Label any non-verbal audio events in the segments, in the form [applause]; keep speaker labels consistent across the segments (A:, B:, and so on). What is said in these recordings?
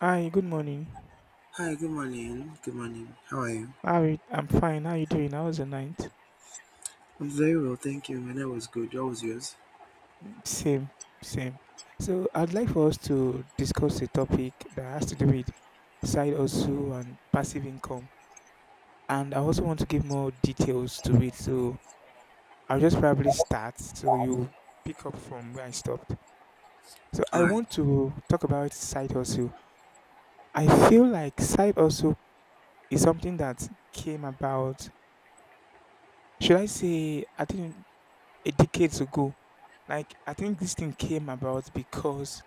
A: Hi, good morning.
B: Hi, good morning. Good morning. How are you?
A: How are you? I'm fine. How you doing? How was the night?
B: I'm very well, thank you. My night was good. What was yours?
A: Mm, same, same. So I'd like for us to discuss a topic that has to do with side hustle and passive income. And I also want to give more details to it. So I'll just probably start so you pick up from where I stopped. So I
B: Alright.
A: want to talk about side hustle. I feel like side hustle is something that came about. Should I say, I think, a decades ago. Like I think this thing came about because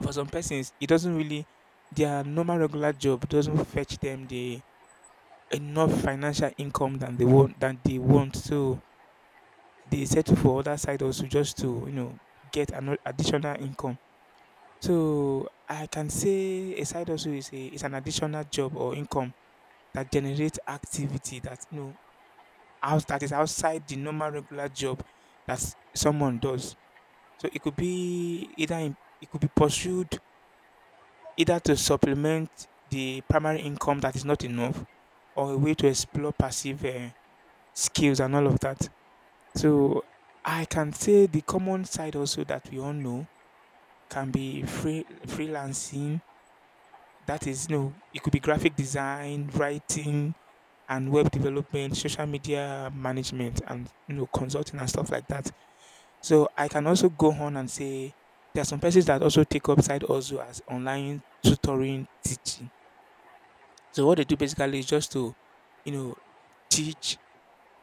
A: for some persons it doesn't really their normal regular job doesn't fetch them the enough financial income than they want. So they settle for other side also just to get an additional income. So I can say a side also is an additional job or income that generates activity that is outside the normal regular job that someone does. So it could be pursued either to supplement the primary income that is not enough, or a way to explore passive skills and all of that. So I can say the common side also that we all know can be freelancing. That is it could be graphic design, writing, and web development, social media management, and consulting and stuff like that. So I can also go on and say there are some persons that also take up side also as online tutoring teaching. So what they do basically is just to, you know, teach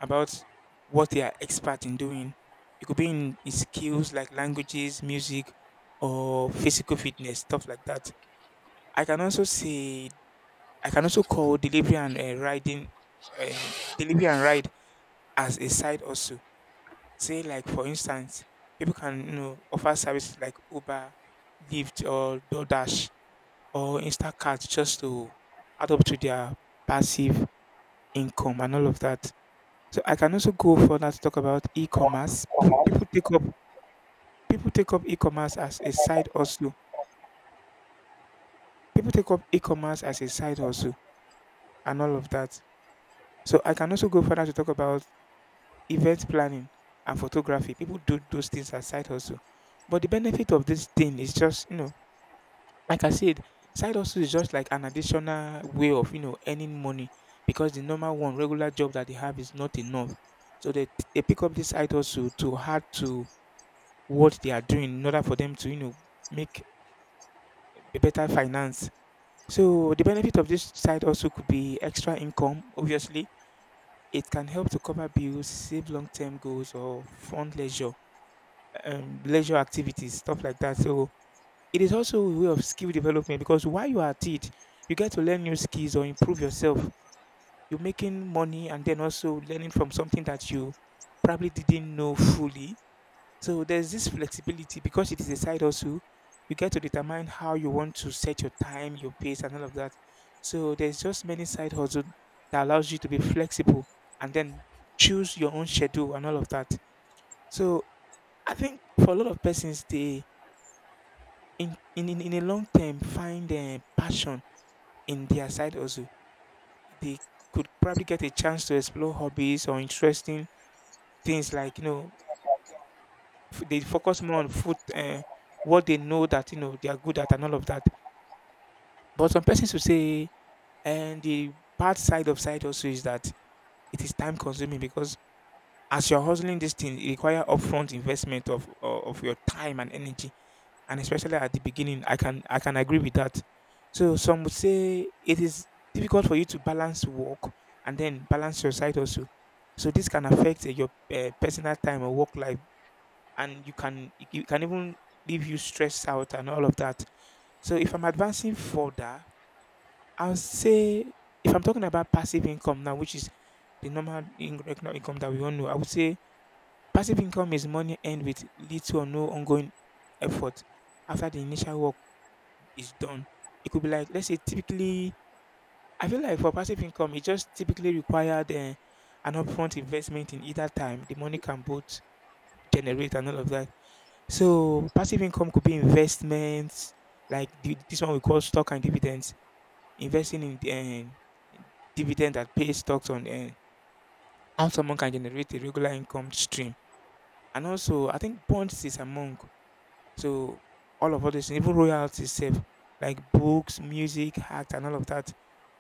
A: about what they are expert in doing. It could be in skills like languages, music, or physical fitness, stuff like that. I can also say I can also call delivery and riding, uh, delivery and ride as a side also. Say, like, for instance, people can offer services like Uber, Lyft or DoorDash or Instacart just to add up to their passive income and all of that. So I can also go further to talk about e-commerce. People people take up people take up e-commerce as a side hustle. People take up e-commerce as a side hustle and all of that. So I can also go further to talk about event planning and photography. People do those things as side hustle. But the benefit of this thing is just like I said, side hustle is just like an additional way of earning money because the normal one, regular job that they have is not enough. So they pick up this side hustle to add to what they are doing in order for them to make a better finance. So the benefit of this side also could be extra income, obviously. It can help to cover bills, save long-term goals, or fund leisure activities, stuff like that. So it is also a way of skill development because while you are at it, you get to learn new skills or improve yourself. You're making money and then also learning from something that you probably didn't know fully. So there's this flexibility because it is a side also. You get to determine how you want to set your time, your pace, and all of that. So there's just many side hustles that allows you to be flexible and then choose your own schedule and all of that. So I think for a lot of persons, they in a long term find passion in their side also. They could probably get a chance to explore hobbies or interesting things like they focus more on food, what they know that they are good at, and all of that. But some persons will say, and the bad side of side also is that it is time consuming because as you're hustling this thing it require upfront investment of your time and energy, and especially at the beginning I can agree with that. So some would say it is difficult for you to balance work and then balance your side also. So this can affect your personal time or work life, and you can it can even leave you stressed out and all of that. So if I'm advancing further, I'll say, if I'm talking about passive income now, which is the normal economic income that we all know, I would say passive income is money earned with little or no ongoing effort after the initial work is done. It could be like, let's say, typically, I feel like for passive income, it just typically required an upfront investment in either time. The money can both generate and all of that. So passive income could be investments, like this one we call stock and dividends, investing in the, uh, dividend that pays stocks on how someone can generate a regular income stream. And also, I think bonds is among. So all of all this, even royalties, safe like books, music, art, and all of that.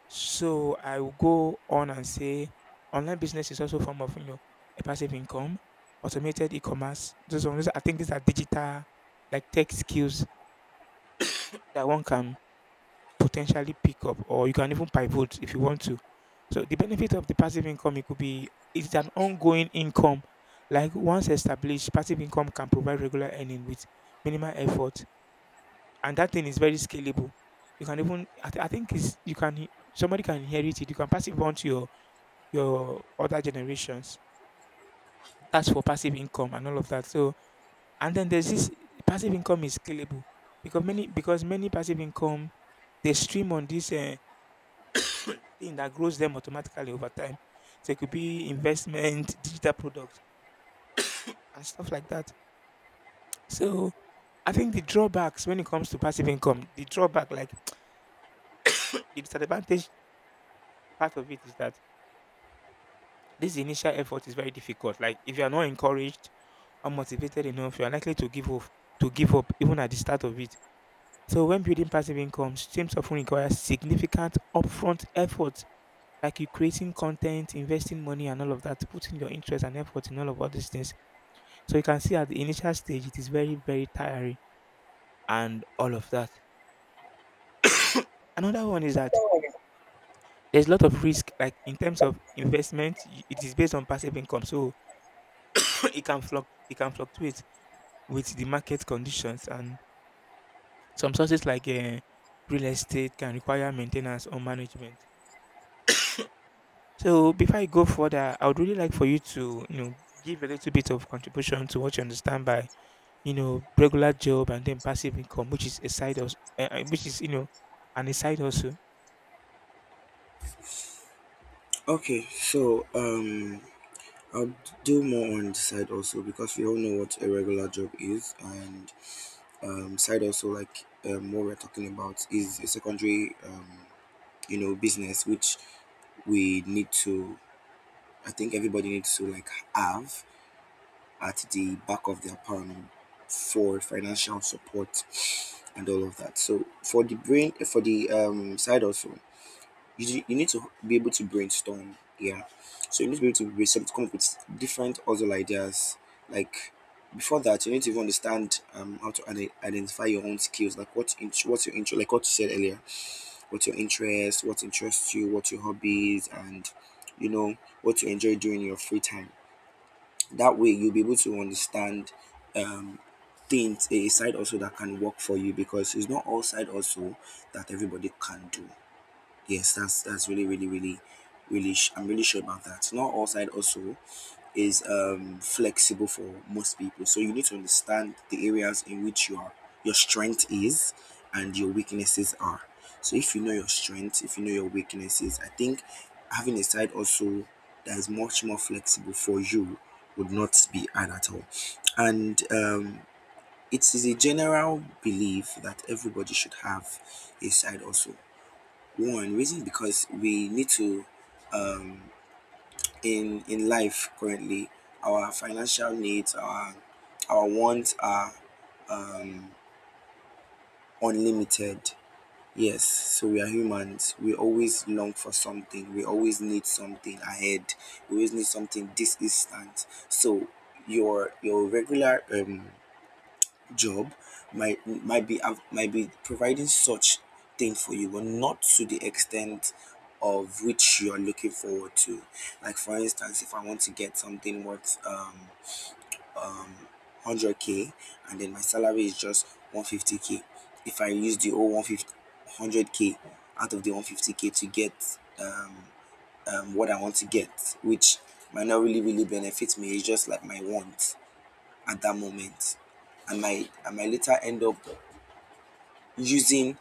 A: So I will go on and say online business is also a form of, you know, a passive income, automated e-commerce. I think these are digital like tech skills that one can potentially pick up, or you can even pivot if you want to. So the benefit of the passive income, it could be, it's an ongoing income. Like once established, passive income can provide regular earning with minimal effort, and that thing is very scalable. You can even I think is you can somebody can inherit it. You can pass it on to your other generations. That's for passive income and all of that. So, and then there's this, passive income is scalable because many passive income they stream on this thing that grows them automatically over time. So it could be investment, digital product, and stuff like that. So I think the drawbacks when it comes to passive income, the drawback, like, [tsk] the disadvantage part of it is that this initial effort is very difficult. Like if you are not encouraged unmotivated enough, you are likely to give up even at the start of it. So when building passive income streams often require significant upfront effort, like you creating content, investing money and all of that, putting your interest and effort in all of all these things. So you can see at the initial stage it is very, very tiring and all of that. Another one is that there's a lot of risk, like in terms of investment, it is based on passive income. So [coughs] [clears throat] it can fluctuate with the market conditions, and some sources like real estate can require maintenance or management. So before I go further, I would really like for you to give a little bit of contribution to what you understand by regular job and then passive income, which is a side hustle, which is an a side hustle.
B: Okay, so I'll do more on the side also because we all know what a regular job is, and side also, like what we're talking about is a secondary, you know, business which we need to, I think everybody needs to like have at the back of their palm for financial support and all of that. So for the brain, for the side also, you need to be able to brainstorm. Yeah. So you need to be able to brainstorm to come up with different other ideas. Like before that, you need to even understand how to identify your own skills. Like what's your interest? Like what you said earlier, what's your interest? What interests you? What your hobbies and, you know, what you enjoy doing in your free time. That way, you'll be able to understand um, things, a side also that can work for you because it's not all side also that everybody can do. Yes, that's really, really, really, really. I'm really sure about that. Not all side also is flexible for most people. So you need to understand the areas in which your strength is and your weaknesses are. So if you know your strengths, if you know your weaknesses, I think having a side also that is much more flexible for you would not be hard at all. And it is a general belief that everybody should have a side also. One reason is because we need to, um, in life currently. Our financial needs, our wants are um, unlimited. Yes, so we are humans. We always long for something. We always need something ahead. We always need something this instant. So your regular job might might be providing such thing for you, but not to the extent of which you're looking forward to. Like for instance, if I want to get something worth um 100k, and then my salary is just 150k. If I use the whole 100k out of the 150k to get what I want to get, which might not really benefit me, it's just like my want at that moment. I might later end up using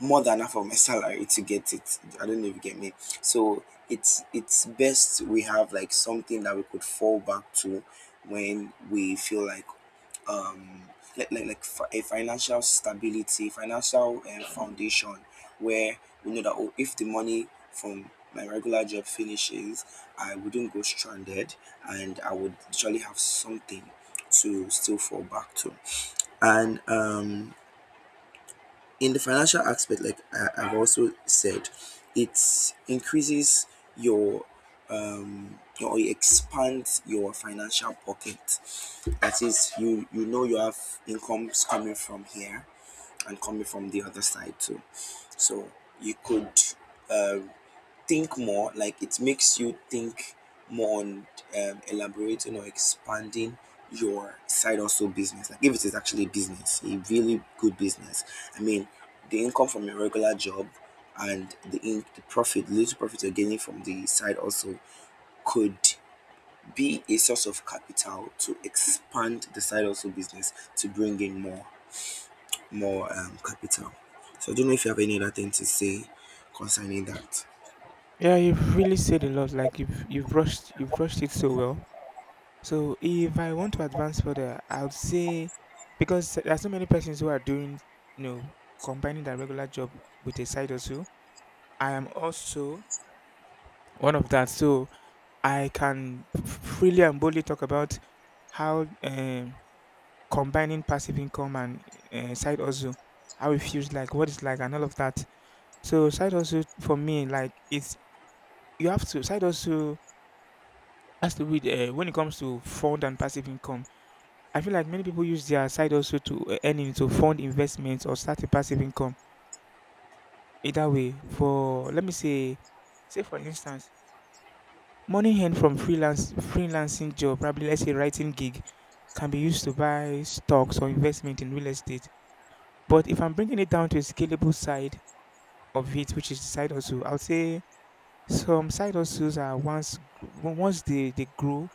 B: more than half of my salary to get it. I don't know if you get me. So it's best we have like something that we could fall back to when we feel like um like, a financial stability, financial foundation where we know that, oh, if the money from my regular job finishes, I wouldn't go stranded and I would actually have something to still fall back to. And in the financial aspect, like I, I've also said, it increases your your, or it expands your financial pocket. That is, you know, you have incomes coming from here and coming from the other side too, so you could, uh, think more. Like it makes you think more on elaborating or expanding your side hustle business, like if it is actually a business, a really good business. I mean, the income from your regular job and the, the profit, the little profit you're gaining from the side also could be a source of capital to expand the side hustle business to bring in more more capital. So I don't know if you have any other thing to say concerning that.
A: Yeah, you've really said a lot. Like you've brushed it so well. So if I want to advance further, I would say, because there are so many persons who are doing, you know, combining their regular job with a side hustle. I am also one of that. So I can freely and boldly talk about how combining passive income and side hustle, how it feels like, what it's like, and all of that. So side hustle for me, like, it's you have to side hustle has to be, when it comes to fund and passive income. I feel like many people use their side hustle to earn in to fund investments or start a passive income. Either way, for let me say, say for instance, money earned from freelance freelancing job, probably, let's say, writing gig, can be used to buy stocks or investment in real estate. But if I'm bringing it down to a scalable side of it, which is the side hustle, I would say some side hustles once they grow,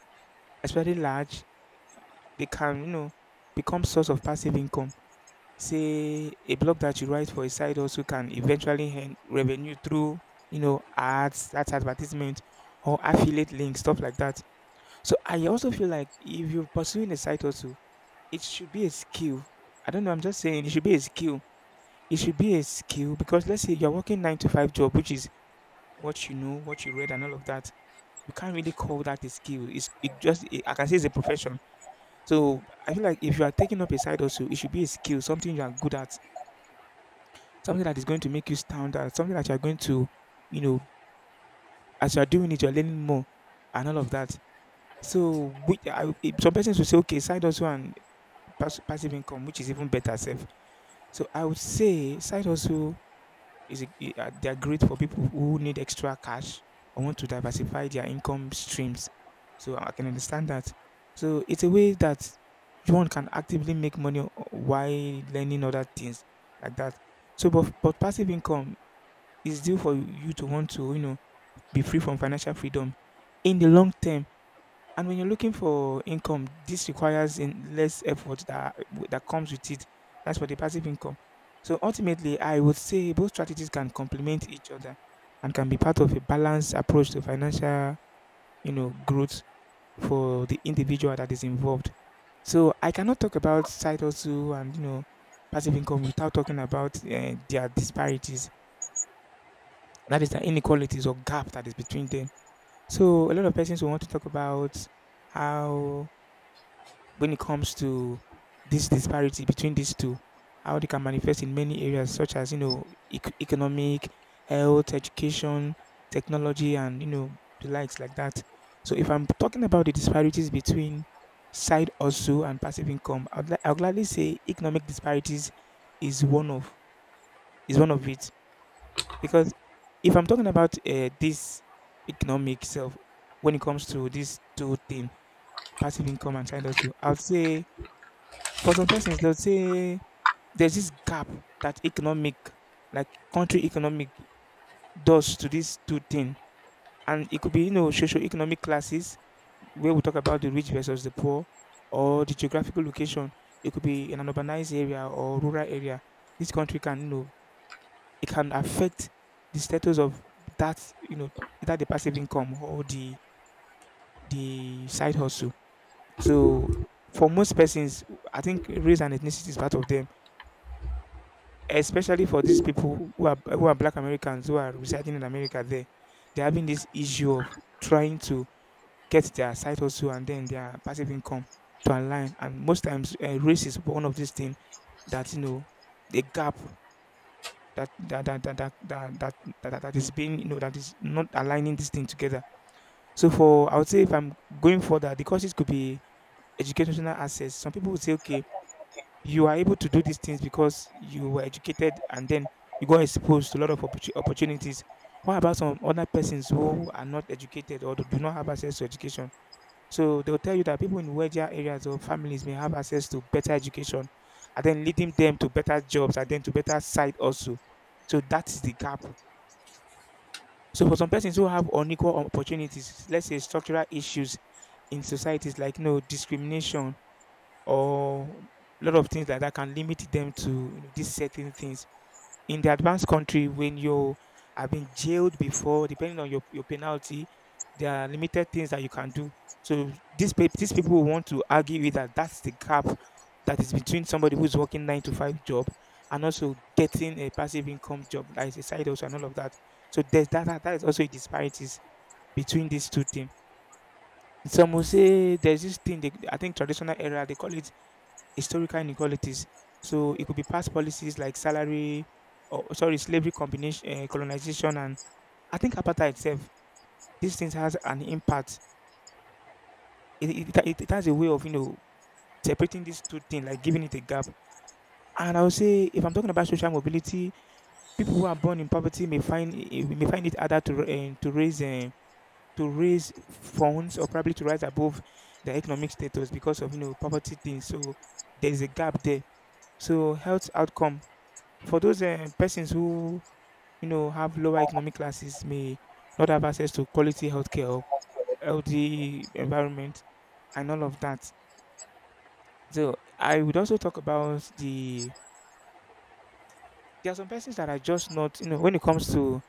A: especially large, they can, become source of passive income. Say a blog that you write for a side also can eventually earn revenue through, ads, that's advertisement or affiliate links, stuff like that. So I also feel like if you're pursuing a side hustle, it should be a skill. I don't know, I'm just saying it should be a skill. It should be a skill because let's say you're working 9-to-5 job, which is what you know, what you read, and all of that. You can't really call that a skill. It's it just it, I can say it's a profession. So I feel like if you are taking up a side hustle, it should be a skill, something you are good at, something that is going to make you stand out, something that you are going to, you know, as you are doing it, you're learning more, and all of that. Some persons will say, okay, side hustle, and passive income, which is even better safe. So I would say side hustle is a e ah, they are great for people who need extra cash or want to diversify their income streams. So I can understand that. So it's a way that one can actively make money o while learning other things like that. But passive income is due for you to want to, be free from financial freedom in the long term. And when you're looking for income, this requires in less effort that comes with it. That's for the passive income. So ultimately, I would say both strategies can complement each other and can be part of a balanced approach to financial, growth for the individual that is involved. So I cannot talk about side hustle and passive income without talking about their disparities. That is the inequalities or gap that is between them. So a lot of persons will want to talk about how when it comes to this disparity between these two, how they can manifest in many areas such as economic, health, education, technology, and the likes like that. So if I'm talking about the disparities between side hustle and passive income, I'll gladly say economic disparities is one of is one of it because if I'm talking about this economic self when it comes to these two things, passive income and side hustle, I will say for some persons, they'll say there's this gap that economic, like country economic, does to these two things. And it could be, socio-economic classes, where we talk about the rich versus the poor, or the geographical location. It could be in an urbanized area or rural area. This country can, it can affect the status of that, either the passive income or the side hustle. So for most persons, I think race and ethnicity is part of them. Especially for these people who are Black Americans who are residing in America there. They're having this issue of trying to get their side hustle and then their passive income to align. And most times, race is one of these things that the gap that that that that that that, that, that that is being that is not aligning this thing together. So for I would say if I'm going for that, the causes could be educational access. Some people would say, okay, you are able to do these things because you were educated and then you got exposed to a lot of opportunities. What about some other persons who are not educated or do not have access to education? So they'll tell you that people in wealthier areas or families may have access to better education and then leading them to better jobs and then to better side also. So that is the gap. So for some persons who have unequal opportunities, let's say structural issues in societies like discrimination or a lot of things like that can limit them to these certain things. In the advanced country, when you have been jailed before, depending on your penalty, there are limited things that you can do. So these people will want to argue with that that's the gap that is between somebody who's working nine to five job and also getting a passive income job that is a side hustle and all of that. So there's that that is also a disparities between these two things. Some will say there's this thing I think traditional era they call it historical inequalities. So it could be past policies like salary, or sorry, slavery combination, colonization, and I think apartheid itself. These things has an impact. It has a way of separating these two things, like giving it a gap. And I would say, if I'm talking about social mobility, people who are born in poverty may find it harder to raise funds or probably to rise above their economic status because of poverty things. So there is a gap there. So health outcome. For those persons who have lower economic classes may not have access to quality healthcare or healthy environment and all of that. So I would also talk about there are some persons that are just not when it comes to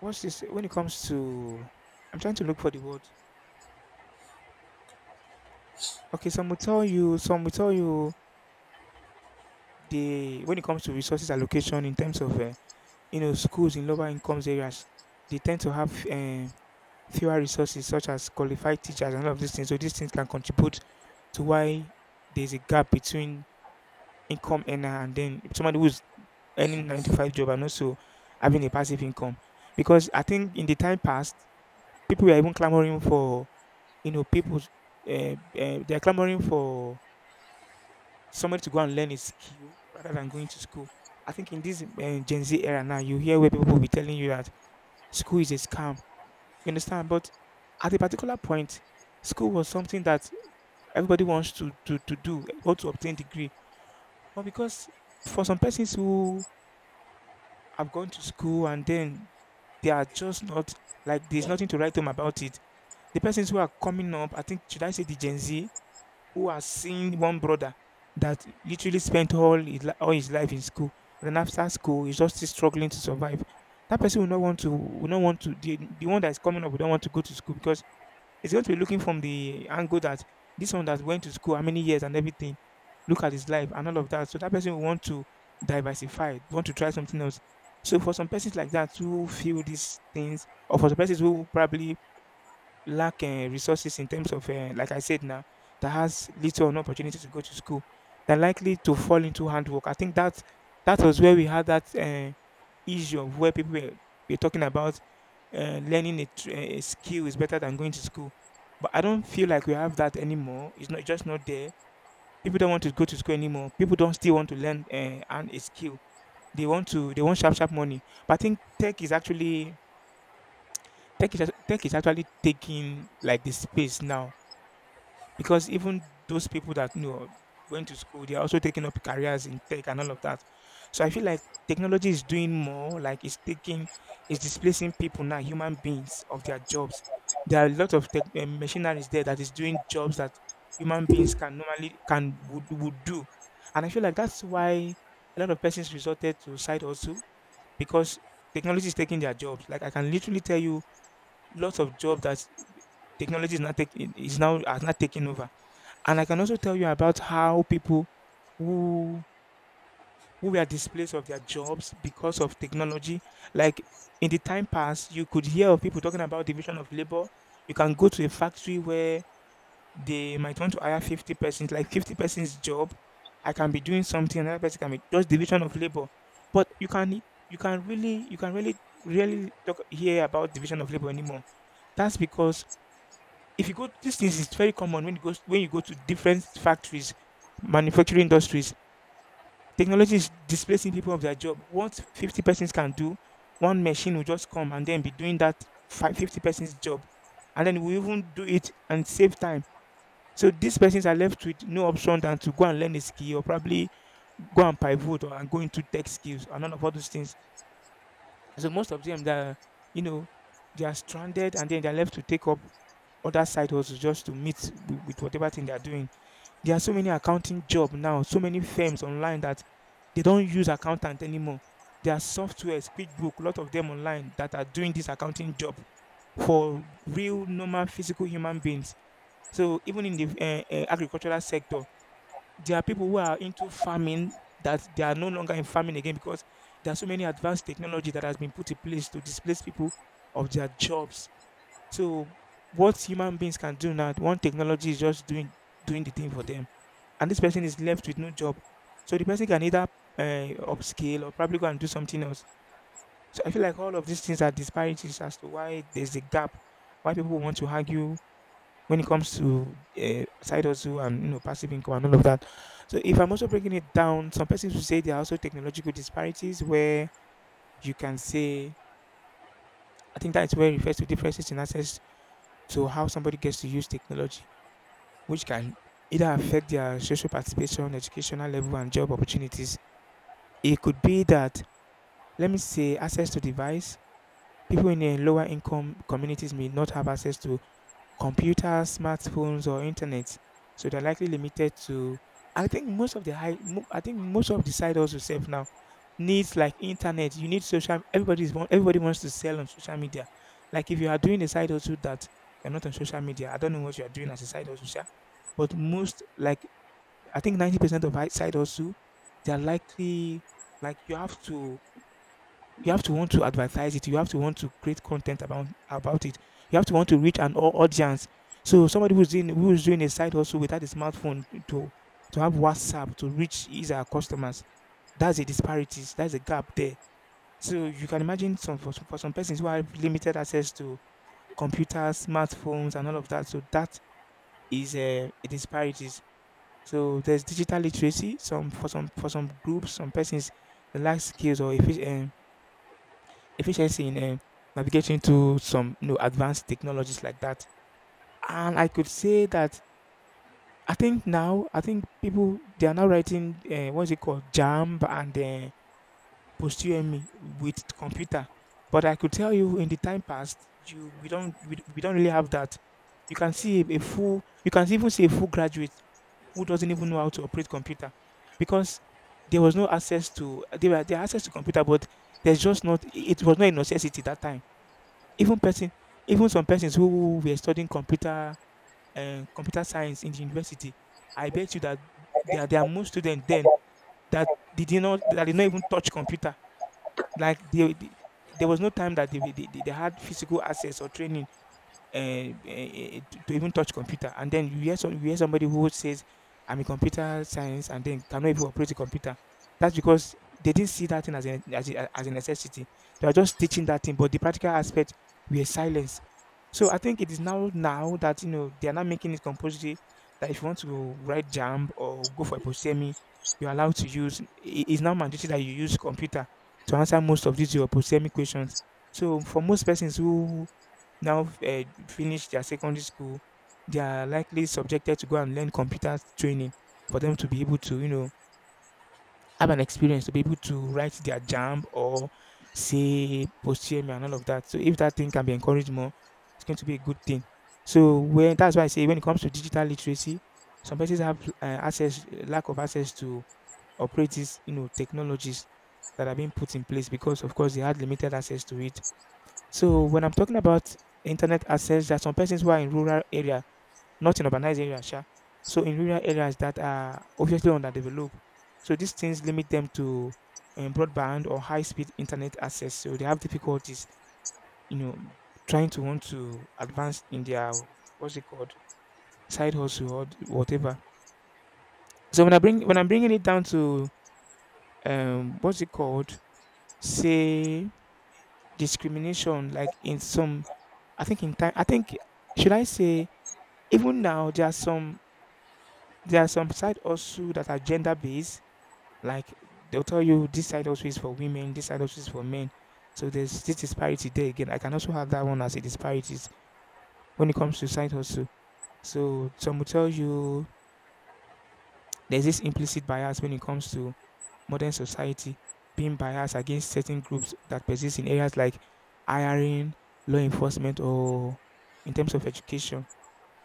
A: what's this when it comes to I'm trying to look for the word. Okay, some will tell you the when it comes to resources allocation in terms of you know schools in lower incomes areas they tend to have fewer resources such as qualified teachers and all of these things. So these things can contribute to why there's a gap between income earner and then somebody who's earning 95 job and also having a passive income. Because I think in the time past, people were even clamoring for, people, they're clamoring for somebody to go and learn a skill rather than going to school. I think in this Gen Z era now, you hear where people will be telling you that school is a scam. You understand? But at a particular point, school was something that everybody wants to do, want to obtain degree. But because for some persons who have gone to school and then they are just not like there's nothing to write home about it. The persons who are coming up, I think should I say the Gen Z who are seeing one brother that literally spent all his life in school, then after school he's just still struggling to survive. That person will not want the one that is coming up will not want to go to school because it's going to be looking from the angle that this one that went to school, how many years and everything, look at his life and all of that. So that person will want to diversify, want to try something else. So for some persons like that who feel these things, or for the persons who probably lack resources in terms of, like I said now, that has little or no opportunity to go to school, they're likely to fall into handwork. I think that that was where we had that. Issue of where people were talking about learning a skill is better than going to school. But I don't feel like we have that anymore. It's just not there. People don't want to go to school anymore. People don't still want to learn and a skill. They want to. They want sharp sharp money. But I think tech is actually taking like the space now because even those people that, went to school, they're also taking up careers in tech and all of that. So I feel like technology is doing more, like it's displacing people now, human beings of their jobs. There are a lot of tech, machineries there that is doing jobs that human beings can normally, can, would do. And I feel like that's why a lot of persons resorted to side hustle because technology is taking their jobs. Like I can literally tell you lots of jobs that technology is not taking is now has not taken over and I can also tell you about how people who who were displaced of their jobs because of technology. Like in the time past, you could hear of people talking about division of labor. You can go to a factory where they might want to hire 50 persons, like 50 persons job. I can be doing something, another person can be just division of labor. But you can really really talk hear about division of labor anymore. That's because if you go these things is very common when you go to different factories, manufacturing industries. Technology is displacing people of their job. What 50 persons can do, one machine will just come and then be doing that 50 persons job. And then we even do it and save time. So these persons are left with no option than to go and learn a skill or probably go and pivot or and go into tech skills and none of all those things. So most of them that you know they are stranded and then they're left to take up other side hustles just to meet with whatever thing they're doing. There are so many accounting job now, so many firms online that they don't use accountant anymore. There are softwares, QuickBook, a lot of them online that are doing this accounting job for real normal physical human beings. So even in the agricultural sector, there are people who are into farming that they are no longer in farming again because there are so many advanced technology that has been put in place to displace people of their jobs. So what human beings can do now, one technology is just doing the thing for them, and this person is left with no job. So the person can either upscale or probably go and do something else. So I feel like all of these things are disparities as to why there's a gap, why people want to argue when it comes to side hustle and passive income and all of that. So if I'm also breaking it down, some persons will say there are also technological disparities where you can say I think that's where it refers to differences in access to how somebody gets to use technology, which can either affect their social participation, educational level, and job opportunities. It could be that let me say access to device. People in a lower income communities may not have access to computers, smartphones or internet, so they're likely limited to. And I think most of the high mo I think most of the side also sef now needs like internet, you need social everybody's want everybody wants to sell on social media. Like if you are doing a side hustle that you're not on social media, I don't know what you are doing as a side hustle sha, but most like I think 90% of hi side hustle, they are likely like you have to want to advertise it. You have to want to create content about it. You have to want to reach an audience. So somebody who's doing a side hustle without a smartphone to have WhatsApp to reach his or her customers, that's a disparities. That's a gap there. So you can imagine for some persons who have limited access to computers, smartphones, and all of that. So that is a, disparities. So there's digital literacy. Some groups, some persons, the lack skills or efficient efficiency in navigating to some advanced technologies like that. And I could say that I think people they are now writing what's it called Jamb and PostUME with computer. But I could tell you in the time past, you we don't we don't really have that. You can even see a full graduate who doesn't even know how to operate computer because there was no access to there were there access to computer, but there's just not it was not a necessity that time. Even person even some persons who were studying computer science in the university, I bet you that there are more students then that that did not even touch computer. Like they there was no time that they had physical access or training to even touch computer. And then you hear you hear somebody who says, "I'm in computer science," and then cannot even operate a computer. That's because they didn't see that thing as as a necessity. They are just teaching that thing, but the practical aspect we are silenced. So I think it is now that they are not making it compulsory that if you want to write jam or go for a postsemi, you're allowed to use. It's now mandatory that you use computer to answer most of these your postsemi questions. So for most persons who now finish their secondary school, they are likely subjected to go and learn computer training for them to be able to, have an experience to be able to write their jam or say posterior and all of that. So if that thing can be encouraged more, it's going to be a good thing. So when that's why I say when it comes to digital literacy, some places have access lack of access to operate these technologies that are being put in place because of course they had limited access to it. So when I'm talking about internet access, there are some persons who are in rural area, not in urbanized area, sha. So in rural areas that are obviously underdeveloped, so these things limit them to broadband or high-speed internet access. So they have difficulties, you know, trying to want to advance in their what's it called side hustle or whatever. So when I'm bringing it down to what's it called, say discrimination, like in some, I think in time, I think should I say even now, there are some sites also that are gender based. Like they'll tell you this side also is for women, this side also is for men. So there's this disparity there again. I can also have that one as a disparities when it comes to side also. So some will tell you there's this implicit bias when it comes to modern society being biased against certain groups that persist in areas like hiring, law enforcement, or in terms of education,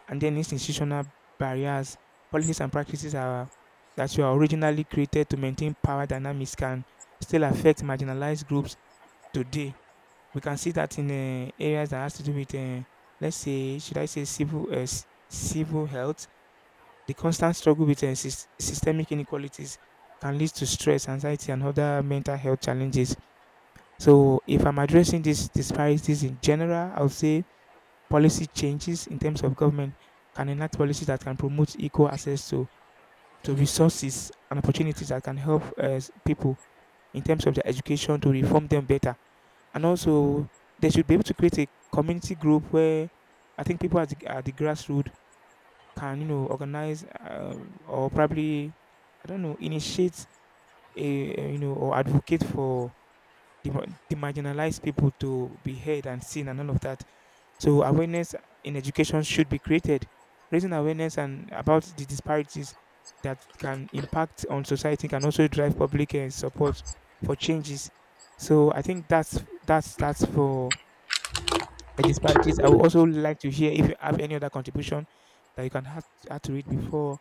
A: and then institutional barriers, policies and practices are, that were originally created to maintain power dynamics can still affect marginalized groups today. We can see that in areas that has to do with, let's say, should I say, civil health. The constant struggle with systemic inequalities can lead to stress, anxiety, and other mental health challenges. So, if I'm addressing these disparities in general, I would say policy changes in terms of government can enact policies that can promote equal access to resources and opportunities that can help people in terms of their education to reform them better. And also, they should be able to create a community group where I think people at the grassroots can, organize or probably, I don't know, initiate, a, or advocate for the marginalized people to be heard and seen and all of that. So awareness in education should be created, raising awareness and about the disparities that can impact on society can also drive public support for changes. So I think that's for the disparities. I would also like to hear if you have any other contribution that you can have add to it before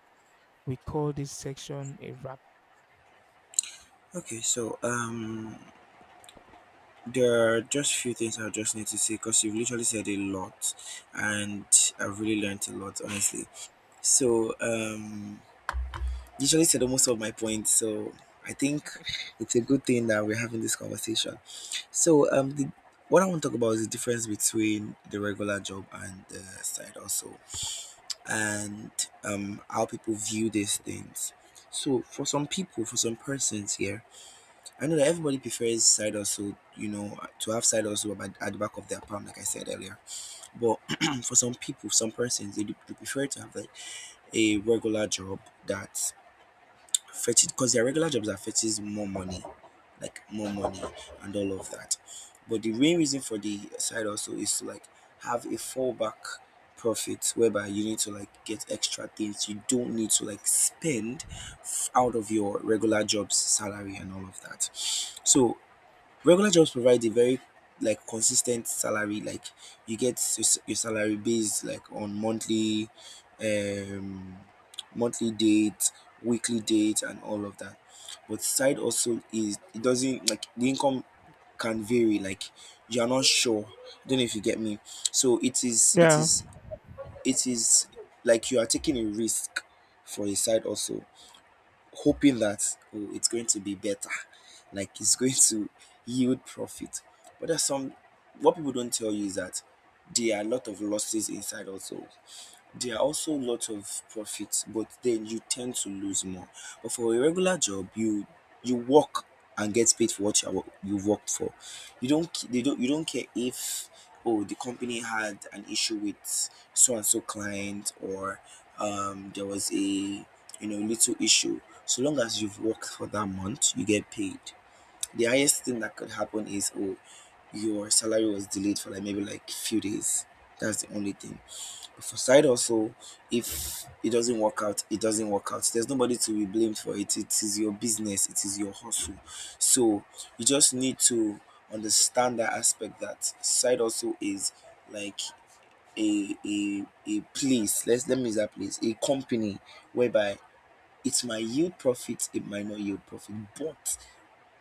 A: we call this section a wrap.
B: Okay, so there are just few things I just need to say because you've literally said a lot, and I've really learned a lot, honestly. So, you literally said almost all my points. So, I think it's a good thing that we're having this conversation. So, what I want to talk about is the difference between the regular job and the side also, and how people view these things. So, for some people, for some persons here, I know that everybody prefers side hustle, you know, to have side hustle at the back of their palm, like I said earlier. But [clears throat] for some people, some persons, they, do, they prefer to have like a regular job that fetches, because their regular jobs are fetches more money, like more money and all of that. But the main reason for the side hustle is to like have a fallback profit, whereby you need to like get extra things, you don't need to like spend out of your regular job's salary and all of that. So regular jobs provide a very like consistent salary, like you get your salary based like on monthly, um monthly date, weekly date and all of that. But side also is, it doesn't, like the income can vary, like you're not sure. Don't know if you get me. So it is it
A: Yeah.
B: is it is like you are taking a risk for a side also, hoping that, oh, it's going to be better, like it's going to yield profit. But there's some, what people don't tell you is that there are a lot of losses inside also. There are also lots of profits, but then you tend to lose more. But for a regular job, you work and get paid for what you are you worked for. You don't care if, oh, the company had an issue with so and so client, or there was a, you know, little issue. So long as you've worked for that month, you get paid. The highest thing that could happen is, oh, your salary was delayed for like maybe like few days. That's the only thing. For side hustle, if it doesn't work out, it doesn't work out. There's nobody to be blamed for it. It is your business, it is your hustle. So you just need to understand that aspect, that side also is like a place. Let's, let me use that place, a company whereby it might yield profit, it might not yield profit, but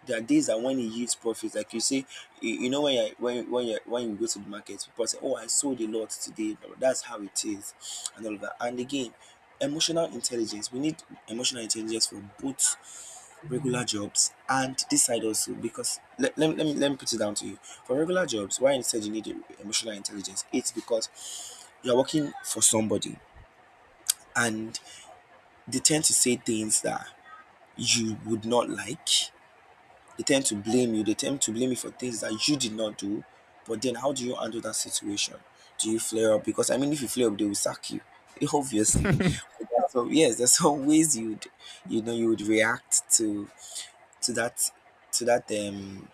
B: there are days that when it yields profits. Like you say, you know, when you go to the market, people say, "Oh, I sold a lot today." But that's how it is, and all of that. And again, emotional intelligence. We need emotional intelligence for both regular jobs and this side also, because let me put it down to you. For regular jobs, why instead you need emotional intelligence? It's because you're working for somebody, and they tend to say things that you would not like. They tend to blame you. They tend to blame you for things that you did not do. But then, how do you handle that situation? Do you flare up? Because I mean, if you flare up, they will sack you, [laughs] obviously.
A: [laughs]
B: So yes, there's [laughs] some ways you'd, you know, you would react to that to that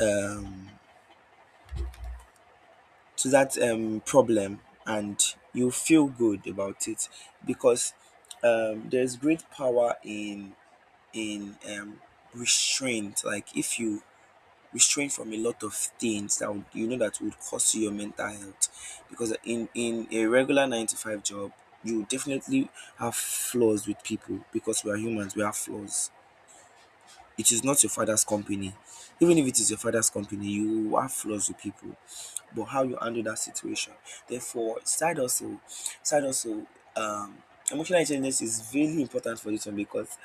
B: um to that problem, and you feel good about it because there's great power in in um restraint. Like if you restrained from a lot of things that would, you know, that would cost you your mental health, because in a regular 9 to 5 job, you definitely have flaws with people, because we are humans, we have flaws. It is not your father's company. Even if it is your father's company, you have flaws with people. But how you handle that situation? Therefore, side hustle, side hustle um emotional intelligence is really important for this one, because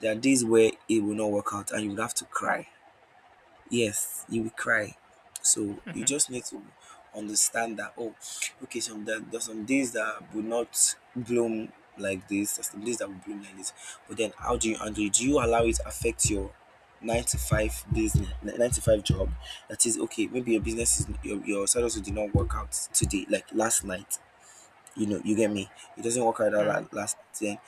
B: there are days where it will not work out and you would have to cry. Yes, you will cry. So you just need to understand that, oh, okay, some there there's some days that will not bloom like this, there's some days that will bloom like this. But then how do you handle it? Do you allow it affect your 9 to 5 job? That is, okay, maybe your business is your side hustle did not work out today, like last night. You know, you get me? It doesn't work out that
A: yeah.
B: last thing.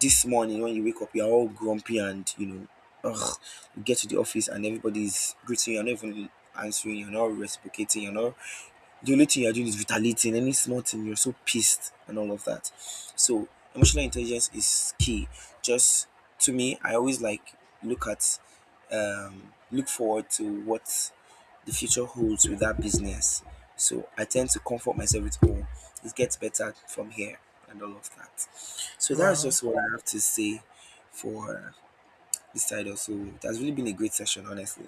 B: This morning when you wake up, you're all grumpy and, you know, ugh, you get to the office and everybody's greeting you, you're not even answering, you're not reciprocating, you're not, the only thing you're doing is retaliating. Any small thing, you're so pissed and all of that. So emotional intelligence is key. Just, to me, I always like look at look forward to what the future holds with that business. So I tend to comfort myself with, oh, it gets better from here and all of that. So that's
A: Wow.
B: just what I have to say for this side also. It has really been a great session, honestly.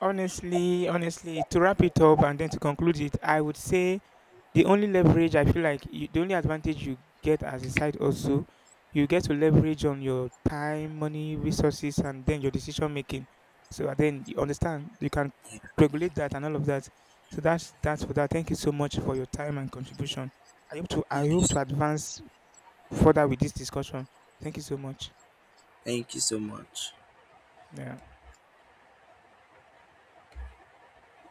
A: Honestly, honestly, to wrap it up and then to conclude it, I would say the only leverage I feel like the only advantage you get as a side also, you get to leverage on your time, money, resources, and then your decision making. So and then you understand you can
B: Yeah.
A: regulate that and all of that. So that's for that. Thank you so much for your time and contribution. I
B: thank you
A: hope to
B: so,
A: advance further with this discussion. Thank you so much.
B: thank you so much.
A: Yeah.